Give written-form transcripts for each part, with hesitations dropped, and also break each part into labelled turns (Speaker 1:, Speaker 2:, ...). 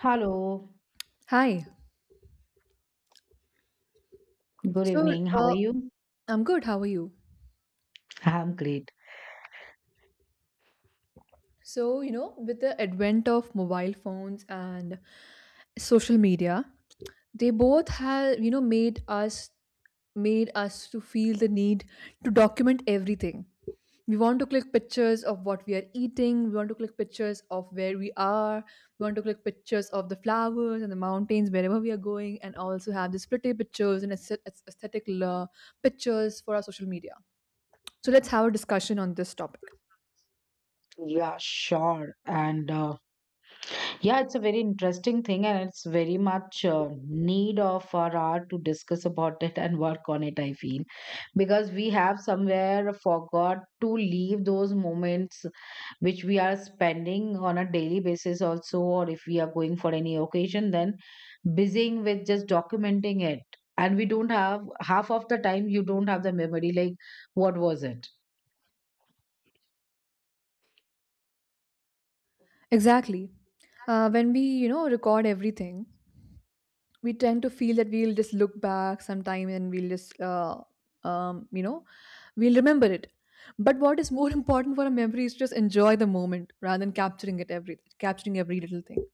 Speaker 1: Hello,
Speaker 2: Hi.
Speaker 1: good
Speaker 2: So,
Speaker 1: evening. How are
Speaker 2: uh,
Speaker 1: you?
Speaker 2: I'm good. How are you?
Speaker 1: I'm great.
Speaker 2: With the advent of mobile phones and social media, they both have, made us to feel the need to document everything. We want to click pictures of what we are eating, we want to click pictures of where we are, we want to click pictures of the flowers and the mountains wherever we are going and also have these pretty pictures and aesthetic pictures for our social media. So, let's have a discussion on this topic.
Speaker 1: Yeah, sure. And yeah, it's a very interesting thing, and it's very much need of our hour to discuss about it and work on it, I feel, because we have somewhere forgot to leave those moments which we are spending on a daily basis, also, or if we are going for any occasion, then busying with just documenting it. And we don't have half of the time, you don't have the memory, like, what was it?
Speaker 2: Exactly. When we, record everything, we tend to feel that we'll just look back sometime and we'll just, you know, we'll remember it. But what is more important for a memory is to just enjoy the moment rather than capturing every little thing.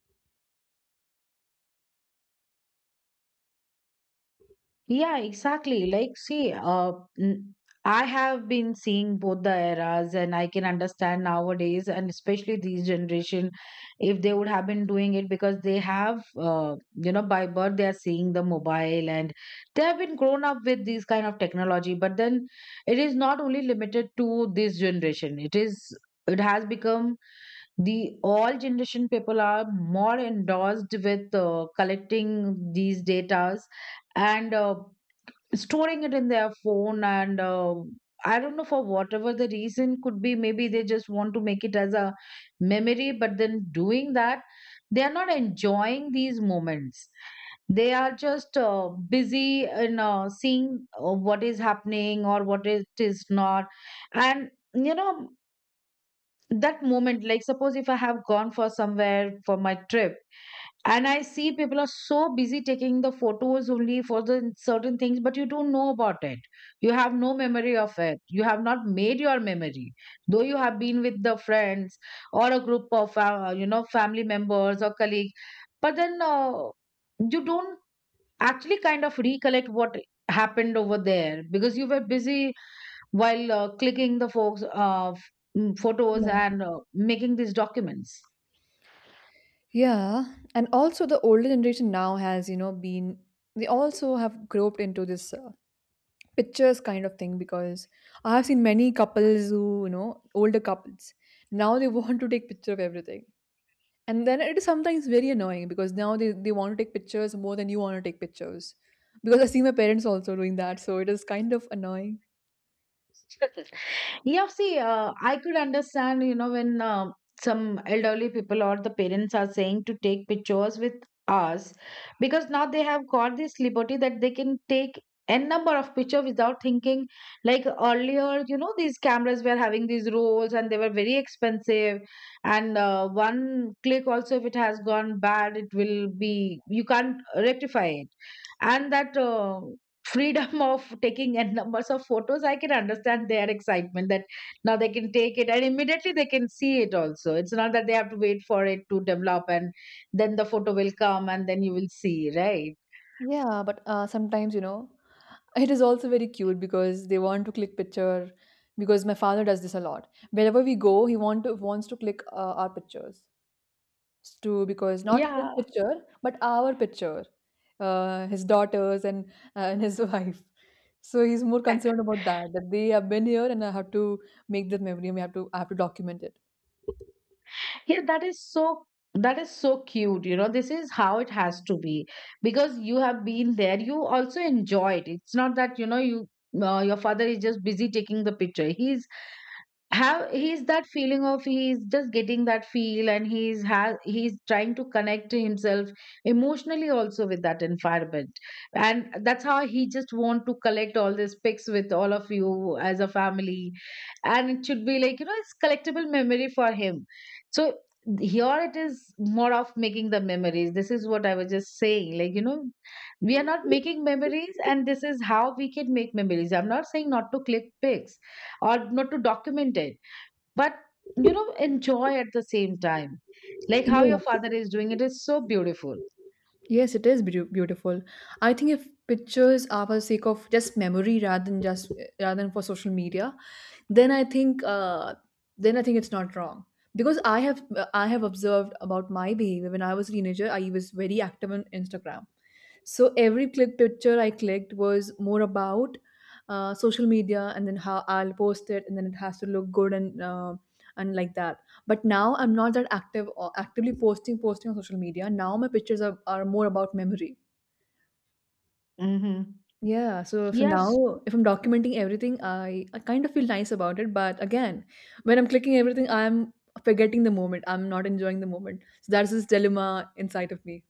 Speaker 1: Yeah, exactly. Like, see, n- I have been seeing both the eras, and I can understand nowadays, and especially these generation, if they would have been doing it because they have, by birth they are seeing the mobile, and they have been grown up with these kind of technology. But then, it is not only limited to this generation. It is. It has become the all generation people are more endorsed with collecting these datas and storing it in their phone and I don't know for whatever the reason could be, maybe they just want to make it as a memory, but then doing that they are not enjoying these moments. They are just busy in seeing what is happening or what it is not. And that moment, like, suppose if I have gone for somewhere for my trip, and I see people are so busy taking the photos only for the certain things, but you don't know about it. You have no memory of it, you have not made your memory, though you have been with the friends or a group of family members or colleague, but then you don't actually kind of recollect what happened over there because you were busy while clicking the folks photos
Speaker 2: Yeah.
Speaker 1: and making these documents.
Speaker 2: Yeah. And also the older generation now has, been they also have groped into this pictures kind of thing because I have seen many couples who, older couples, now they want to take picture of everything. And then it is sometimes very annoying because now they want to take pictures more than you want to take pictures. Because I see my parents also doing that, so it is kind of annoying.
Speaker 1: Yeah, see, I could understand, when some elderly people or the parents are saying to take pictures with us because now they have got this liberty that they can take n number of picture without thinking. Like earlier, these cameras were having these rolls and they were very expensive, and one click also, if it has gone bad, it will be you can't rectify it. And that freedom of taking n numbers of photos, I can understand their excitement that now they can take it and immediately they can see it also. It's not that they have to wait for it to develop and then the photo will come and then you will see, right?
Speaker 2: Yeah, but sometimes, it is also very cute because they want to click picture because my father does this a lot. Wherever we go, wants to click our pictures too, because not his
Speaker 1: Yeah,
Speaker 2: picture, but our picture, his daughters and and his wife. So he's more concerned about that, that they have been here and I have to make that memory. And We have to I have to document it.
Speaker 1: yeah, that is so cute. This is how it has to be, because you have been there, you also enjoy it. It's not that you know you your father is just busy taking the picture. He's that feeling of he's just getting that feel, and he's trying to connect to himself emotionally also with that environment. And that's how he just want to collect all these pics with all of you as a family. And it should be, it's collectible memory for him. So here it is more of making the memories. This is what I was just saying, we are not making memories. And this is how we can make memories. I'm not saying not to click pics or not to document it, but enjoy at the same time. Like how your
Speaker 2: Yes.
Speaker 1: father is doing, it is so beautiful.
Speaker 2: It is beautiful. I think if pictures are for the sake of just memory rather than rather than for social media, then I think it's not wrong because I have observed about my behavior when I was a teenager. I was very active on Instagram, so every click picture I clicked was more about social media and then how I'll post it and then it has to look good and like that. But now I'm not that active or actively posting on social media. Now my pictures are more about memory.
Speaker 1: Mm-hmm.
Speaker 2: Yeah, so so
Speaker 1: Yes,
Speaker 2: now if I'm documenting everything, I kind of feel nice about it. But again, when I'm clicking everything, I'm forgetting the moment. I'm not enjoying the moment. So that's this dilemma inside of me.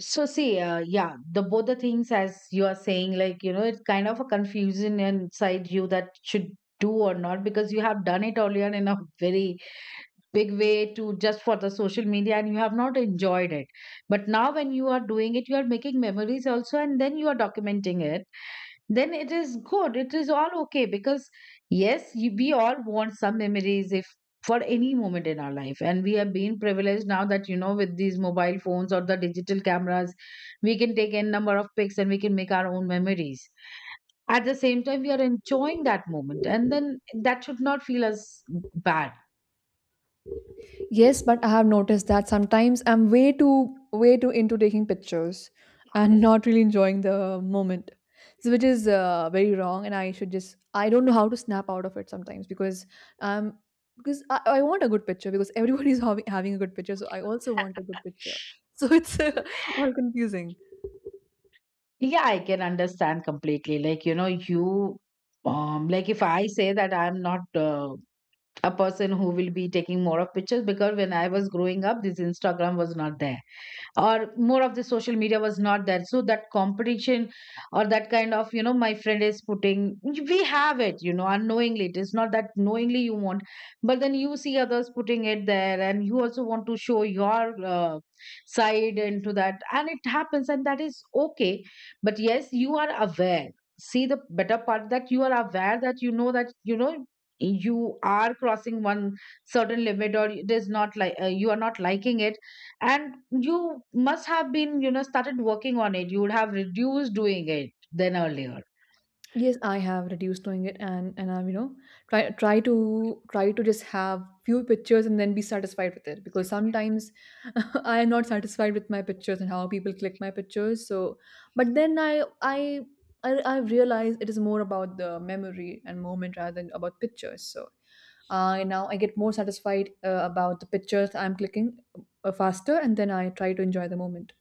Speaker 1: so see, yeah, the both the things as you are saying, it's kind of a confusion inside you that should do or not, because you have done it earlier in a very big way to just for the social media, and you have not enjoyed it. But now when you are doing it, you are making memories also and then you are documenting it, then it is good. It is all okay because, yes, we all want some memories if for any moment in our life. And we have been privileged now that, with these mobile phones or the digital cameras, we can take n number of pics and we can make our own memories. At the same time, we are enjoying that moment. And then that should not feel as bad.
Speaker 2: Yes, but I have noticed that sometimes I'm way too into taking pictures and not really enjoying the moment. So which is very wrong, and I should just I don't know how to snap out of it sometimes um because I want a good picture because everybody's having a good picture, so I also want a good picture. So it's all confusing.
Speaker 1: Yeah, I can understand completely. Like, like if I say that I'm not a person who will be taking more of pictures, because when I was growing up, this Instagram was not there or more of the social media was not there, so that competition or that kind of, my friend is putting, we have it, unknowingly. It is not that knowingly you want, but then you see others putting it there, and you also want to show your side into that, and it happens, and that is okay. But yes, you are aware. See, the better part that you are aware that you know you are crossing one certain limit, or it is not like you are not liking it, and you must have been, started working on it. You would have reduced doing it than earlier.
Speaker 2: Yes, I have reduced doing it, and I've you know try to just have few pictures and then be satisfied with it because sometimes I am not satisfied with my pictures and how people click my pictures. So, but then I've realized it is more about the memory and moment rather than about pictures. So, I now I get more satisfied about the pictures I'm clicking faster, and then I try to enjoy the moment.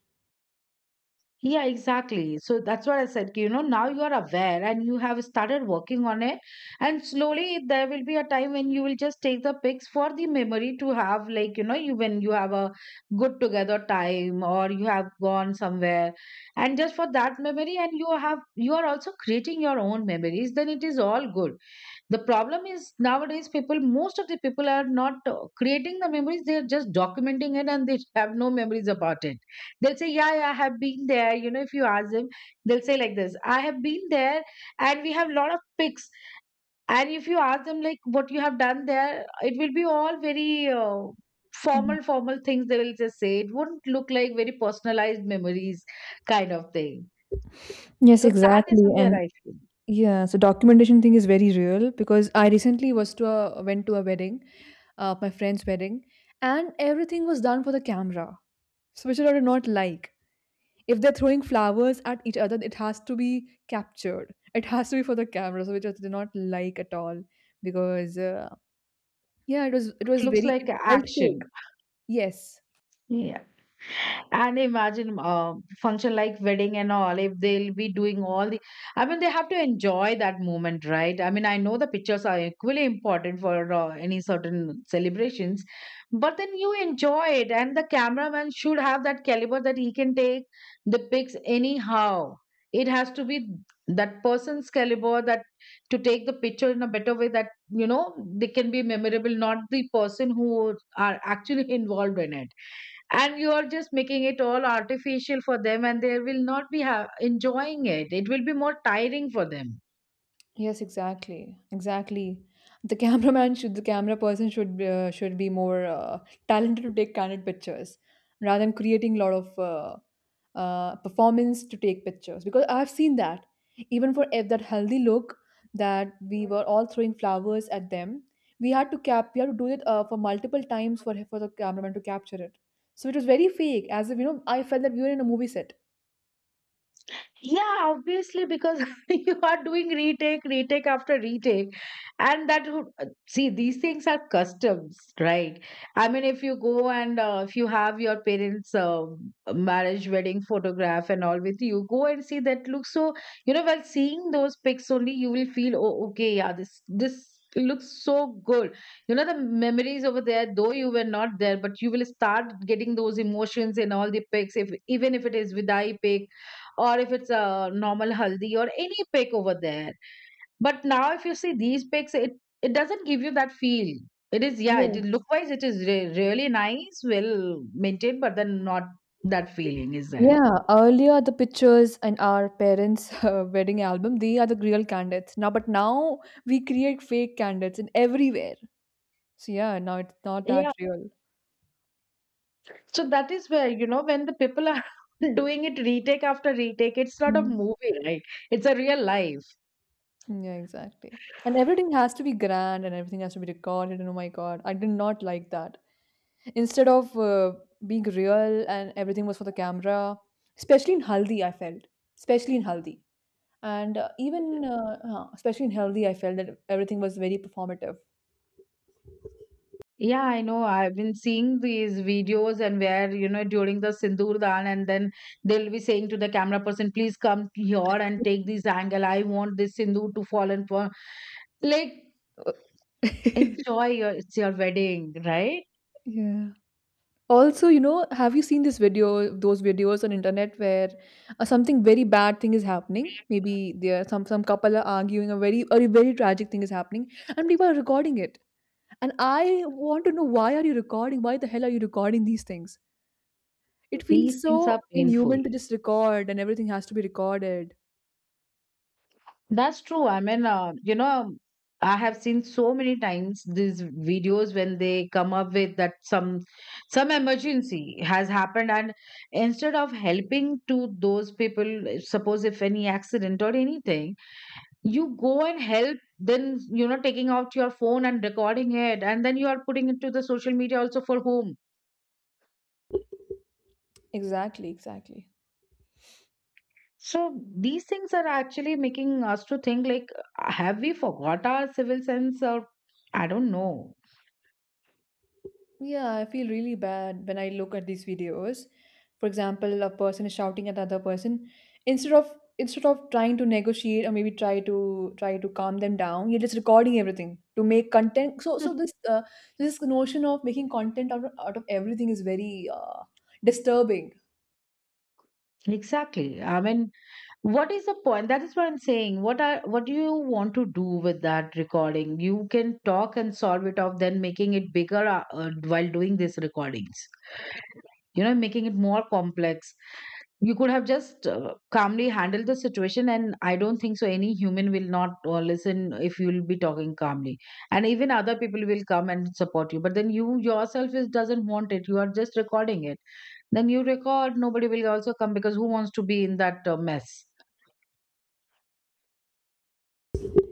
Speaker 1: Yeah, exactly. So that's what I said, now you are aware and you have started working on it. And slowly there will be a time when you will just take the pics for the memory to have, like, you know you when you have a good together time or you have gone somewhere, and just for that memory, and you are also creating your own memories, then it is all good. The problem is nowadays people, most of the people are not creating the memories, they're just documenting it and they have no memories about it. They'll say, yeah, yeah, I have been there. If you ask them, they'll say like this, I have been there and we have a lot of pics. And if you ask them like what you have done there, it will be all very
Speaker 2: Mhm.
Speaker 1: formal, formal things they will just say. It would not look like very personalized memories kind of thing.
Speaker 2: Yes,
Speaker 1: So that is
Speaker 2: exactly.
Speaker 1: somewhere
Speaker 2: And
Speaker 1: I feel.
Speaker 2: yeah, so documentation thing is very real because I recently was to a went to a wedding, my friend's wedding, and everything was done for the camera, so which I do not like. If they're throwing flowers at each other, it has to be captured. It has to be for the camera, so which I did not like at all because yeah, it
Speaker 1: It
Speaker 2: was
Speaker 1: looks
Speaker 2: very
Speaker 1: like
Speaker 2: it felt fake.
Speaker 1: action.
Speaker 2: Yes,
Speaker 1: Yeah. And imagine function like wedding and all, if they'll be doing all the, I mean, they have to enjoy that moment, right? I mean, I know the pictures are equally important for any certain celebrations, but then you enjoy it, and the cameraman should have that caliber that he can take the pics anyhow. It has to be that person's caliber, that to take the picture in a better way, that they can be memorable, not the person who are actually involved in it, and you are just making it all artificial for them, and they will not be enjoying it. It will be more tiring for them.
Speaker 2: yes, exactly, exactly. The camera person should be more talented to take candid pictures rather than creating a lot of performance to take pictures. Because I've seen that even that healthy look that we were all throwing flowers at them, we had to do it for multiple times for the cameraman to capture it. So it was very fake, as if you know, I felt that we were in a movie set.
Speaker 1: Yeah, obviously, because you are doing retake, retake after retake. And that would, see, these things are customs, right? I mean, if you have your parents' marriage, wedding photograph and all with you, go and see that look. So, while seeing those pics only, you will feel, oh, okay, yeah, this looks so good. You know, the memories over there, though you were not there, but you will start getting those emotions in all the pics, if even if it is with eye pic or if it's a normal haldi or any pick over there. But now, if you see these picks, it doesn't give you that feel. It is, yeah,
Speaker 2: Yes.
Speaker 1: it look wise, it is really nice, well maintained, but then not that feeling is there.
Speaker 2: Yeah, earlier the pictures in our parents' wedding album, they are the real candidates. But now we create fake candidates in everywhere. So yeah, now it's not that
Speaker 1: Yeah,
Speaker 2: real.
Speaker 1: so that is where, when the people are doing it retake after retake, it's not a
Speaker 2: Mm.
Speaker 1: movie, right? It's a real life.
Speaker 2: Yeah, exactly. And everything has to be grand and everything has to be recorded. And oh my God, I did not like that. Instead of being real, and everything was for the camera, especially in Haldi, I felt, especially in Haldi. And especially in Haldi, I felt that everything was very performative.
Speaker 1: Yeah, I know. I've been seeing these videos and where, during the Sindoor Daan, and then they'll be saying to the camera person, please come here and take this angle. I want this Sindoor to fall and fall. Like, it's your wedding, right?
Speaker 2: Yeah. Also, you know, have you seen this video, those videos on internet where something very bad thing is happening? Maybe there some couple are arguing, a very or a very tragic thing is happening, and people are recording it. And I want to know, why are you recording? Why the hell are you recording these things? It feels
Speaker 1: These things are
Speaker 2: so
Speaker 1: painful.
Speaker 2: inhuman to just record, and everything has to be recorded.
Speaker 1: That's true. I mean, I have seen so many times these videos when they come up with that some emergency has happened, and instead of helping to those people, suppose if any accident or anything, you go and help. Then taking out your phone and recording it, and then you are putting it to the social media also for whom.
Speaker 2: Exactly, exactly.
Speaker 1: So these things are actually making us to think, like, have we forgot our civil sense, or I don't know.
Speaker 2: Yeah, I feel really bad when I look at these videos. For example, a person is shouting at the other person. Instead of instead of trying to negotiate or maybe try to calm them down, you're just recording everything to make content. So so this uh, this notion of making content out of everything is very disturbing.
Speaker 1: Exactly. I mean, what is the point? That is what I'm saying. What are what do you want to do with that recording? You can talk and solve it off, then making it bigger while doing these recordings. You know, making it more complex. You could have just calmly handled the situation, and I don't think so. Any human will not listen if you'll be talking calmly, and even other people will come and support you. But then you yourself is doesn't want it. You are just recording it, then you record, nobody will also come because who wants to be in that mess?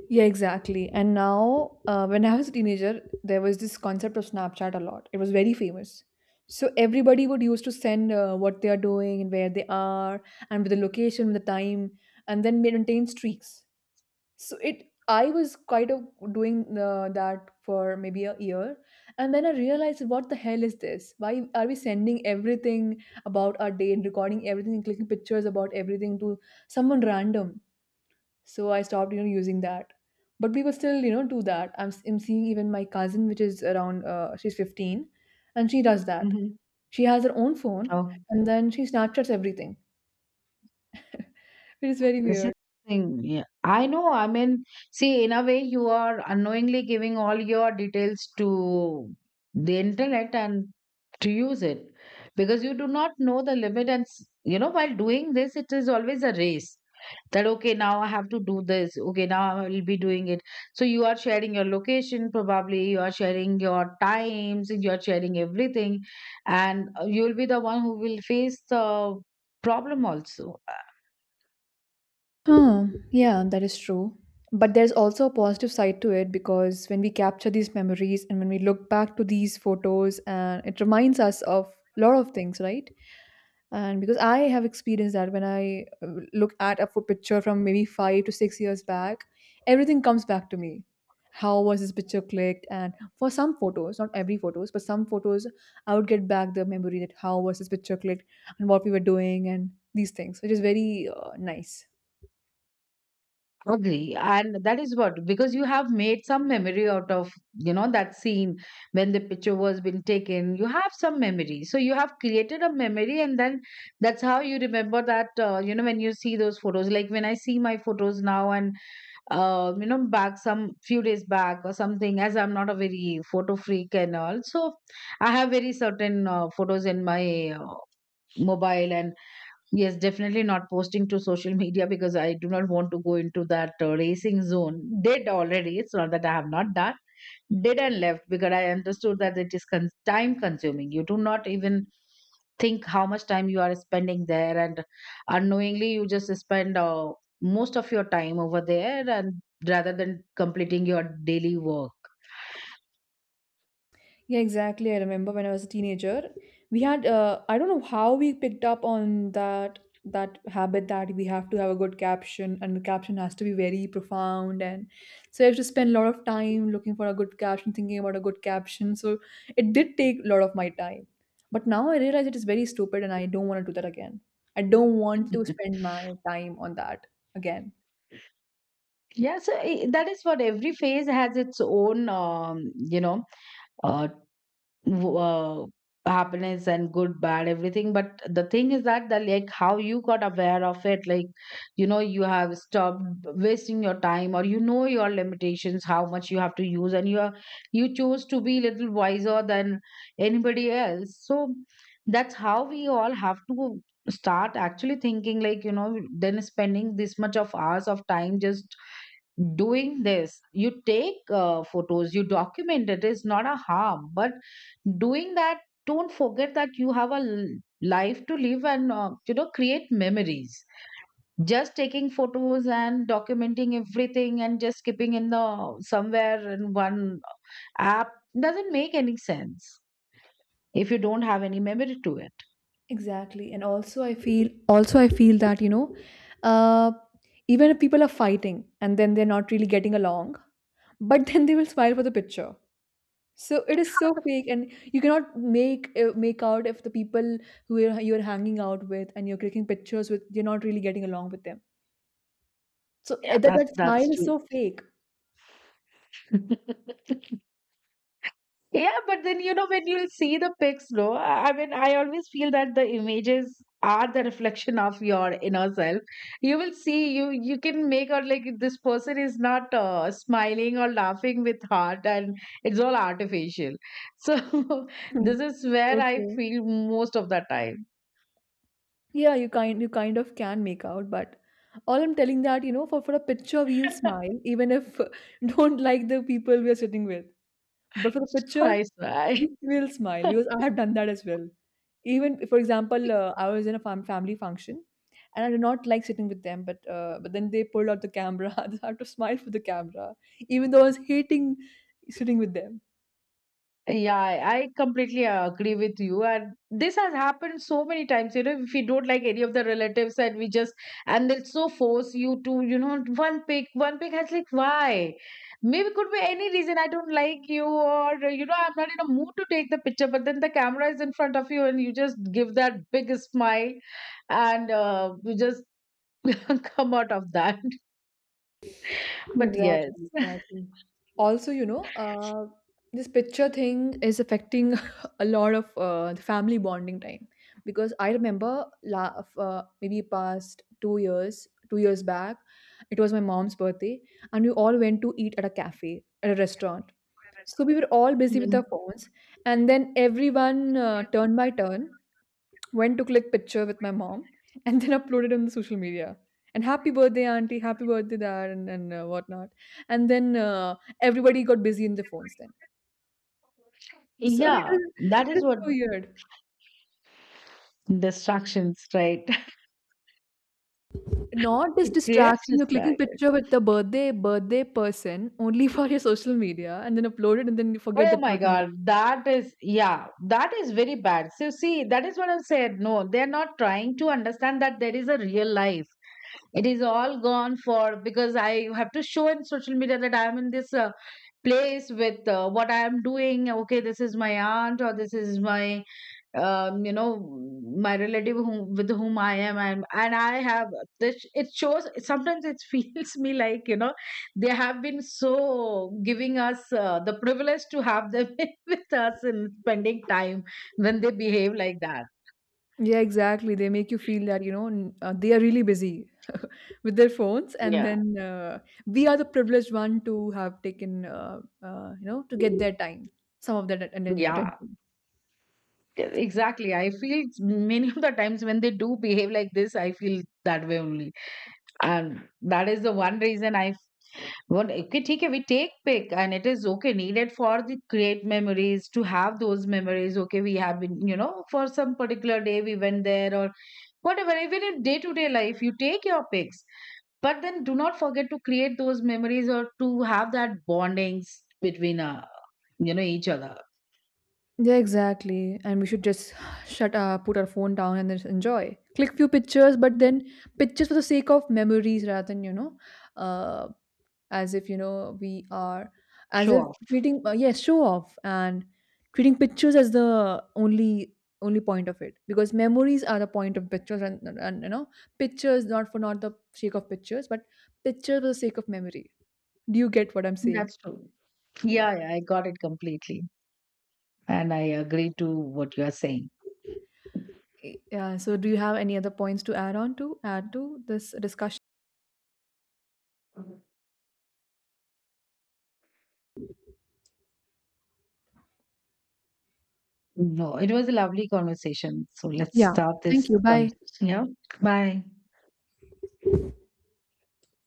Speaker 2: Yeah, exactly. And now, when I was a teenager, there was this concept of Snapchat a lot. It was very famous. So everybody would used to send what they are doing and where they are, and with the location, the time, and then maintain streaks. So it, I was quite of doing that for maybe a year, and then I realized, what the hell is this? Why are we sending everything about our day and recording everything, and clicking pictures about everything to someone random? So I stopped, you know, using that. But we will still, you know, do that. I'm seeing even my cousin, which is around she's 15, and she does that.
Speaker 1: Mhm.
Speaker 2: She has her own phone,
Speaker 1: Oh,
Speaker 2: and then she snapchats everything, which is very
Speaker 1: this is the
Speaker 2: weird.
Speaker 1: thing. Yeah. I know. I mean, see, in a way, you are unknowingly giving all your details to the internet and to use it because you do not know the limit. And, you know, while doing this, it is always a race. That okay, now I have to do this, okay, now I will be doing it, so you are sharing your location, probably you are sharing your times, you are sharing everything, and you will be the one who will face the problem also. I
Speaker 2: Huh, yeah, that is true. But there's also a positive side to it because when we capture these memories and when we look back to these photos, and it reminds us of a lot of things, right? And because I have experienced that when I look at a pho- picture from maybe 5 to 6 years back, everything comes back to me. How was this picture clicked? And for some photos, not every photos, but some photos, I would get back the memory that how was this picture clicked and what we were doing and these things, which is very nice.
Speaker 1: agree, and that is what, because you have made some memory out of, you know, that scene. When the picture was being taken, you have some memory, so you have created a memory, and then that's how you remember that, you know, when you see those photos. Like when I see my photos now and you know, back some few days back or something, as I'm not a very photo freak and all, so I have very certain photos in my mobile and yes, definitely not posting to social media, because I do not want to go into that racing zone. Did already, it's not that I have not done, did and left, because I understood that it is time consuming. You do not even think how much time you are spending there, and unknowingly you just spend most of your time over there, and rather than completing your daily work.
Speaker 2: Yeah, exactly. I remember when I was a teenager, we had I don't know how we picked up on that habit that we have to have a good caption and the caption has to be very profound, and so I have to spend a lot of time looking for a good caption, thinking about a good caption. So it did take a lot of my time. But now I realize it is very stupid and I don't want to do that again. I don't want to spend my time on that again.
Speaker 1: Yeah, so I, that is what, every phase has its own you know, uh, w- uh, happiness and good bad everything, but the thing is that, the like how you got aware of it, like you know, you have stopped wasting your time, or you know your limitations how much you have to use, and you are, you chose to be little wiser than anybody else. So that's how we all have to start actually thinking, like you know, then spending this much of hours of time just doing this. You take photos, you document, it is not a harm, but doing that, don't forget that you have a life to live and you know, create memories. Just taking photos and documenting everything and just skipping in the somewhere in one app doesn't make any sense if you don't have any memory to it.
Speaker 2: Exactly. And also I feel that, you know, uh even if people are fighting and then they're not really getting along, but then they will smile for the picture. So it is so fake, and you cannot make make out if the people who you're hanging out with and you're clicking pictures with you're not really getting along with them. So
Speaker 1: Yeah, that's
Speaker 2: that
Speaker 1: that's
Speaker 2: smile is
Speaker 1: true.
Speaker 2: so fake.
Speaker 1: Yeah, but then you know when you'll see the pics, no? I mean, I always feel that the images are the reflection of your inner self. You will see, you can make out, like this person is not smiling or laughing with heart, and it's all artificial. So
Speaker 2: Hmm.
Speaker 1: this is where
Speaker 2: So
Speaker 1: I
Speaker 2: true.
Speaker 1: feel most of the time.
Speaker 2: Yeah, you kind of can make out, but all I'm telling that, you know, for a picture we'll smile even if don't like the people we're sitting with. But for the picture,
Speaker 1: I swear.
Speaker 2: we will smile because I have done that as well. Even for example, I was in a family function, and I did not like sitting with them. But then they pulled out the camera. I had to smile for the camera, even though I was hating sitting with them.
Speaker 1: Yeah, I completely agree with you. And this has happened so many times, you know, if we don't like any of the relatives and we just, and they'll so force you to, you know, one pick, one pick. I was like, why? Maybe could be any reason, I don't like you, or, you know, I'm not in a mood to take the picture, but then the camera is in front of you and you just give that big smile and you just come out of that. But yes.
Speaker 2: Exactly, exactly. Also, you know, this picture thing is affecting a lot of the family bonding time because I remember maybe past 2 years, 2 years back, it was my mom's birthday, and we all went to eat at a cafe, at a restaurant. So we were all busy with
Speaker 1: Mhm.
Speaker 2: our phones, and then everyone turn by turn went to click picture with my mom and then uploaded on the social media and happy birthday auntie, happy birthday dad, and, whatnot, and then everybody got busy in their phones. Then so
Speaker 1: Yeah, that
Speaker 2: it is
Speaker 1: is what,
Speaker 2: so weird.
Speaker 1: distractions, right?
Speaker 2: Not this
Speaker 1: It creates
Speaker 2: distraction, you're clicking
Speaker 1: distractions.
Speaker 2: picture with the birthday person only for your social media and then upload it and then you forget
Speaker 1: Oh
Speaker 2: that
Speaker 1: my
Speaker 2: person.
Speaker 1: God, that is, yeah, that is very bad. So, see, that is what I've said. No, they're not trying to understand that there is a real life. It is all gone for, because I have to show in social media that I'm in this place with what I'm doing. Okay, this is my aunt, or this is my you know, my relative whom, with whom I am, and I have this. It shows, sometimes it feels me like you know they have been so giving us the privilege to have them with us and spending time when they behave like that.
Speaker 2: Yeah, exactly. They make you feel that, you know, they are really busy with their phones. And
Speaker 1: Yeah.
Speaker 2: then we are the privileged one to have taken, you know, to get their time, some of that and then
Speaker 1: Yeah,
Speaker 2: attention.
Speaker 1: exactly. I feel many of the times when they do behave like this, I feel that way only, and that is the one reason I, well, okay, ठीक है, we take pic and it is okay, needed for the create memories, to have those memories. Okay, we have been, you know, for some particular day we went there or whatever, even in day to day life, you take your pics. But then do not forget to create those memories or to have that bondings between, you know, each other.
Speaker 2: Yeah, exactly. And we should just shut up, put our phone down, and then just enjoy. Click few pictures, but then pictures for the sake of memories rather than, you know, uh, as if you know we are as
Speaker 1: Show
Speaker 2: if
Speaker 1: off.
Speaker 2: treating yes show off, and treating pictures as the only point of it, because memories are the point of pictures, and you know pictures not for not the sake of pictures, but pictures for the sake of memory. Do you get what I'm saying?
Speaker 1: That's true.
Speaker 2: Yeah.
Speaker 1: Yeah, yeah, I got it completely. And I agree to what you are saying.
Speaker 2: Yeah, so do you have any other points to add on to add to this discussion?
Speaker 1: No, it was a lovely conversation. So let's
Speaker 2: Yeah,
Speaker 1: start
Speaker 2: thank
Speaker 1: this
Speaker 2: you,
Speaker 1: conversation.
Speaker 2: bye.
Speaker 1: Yeah. Bye.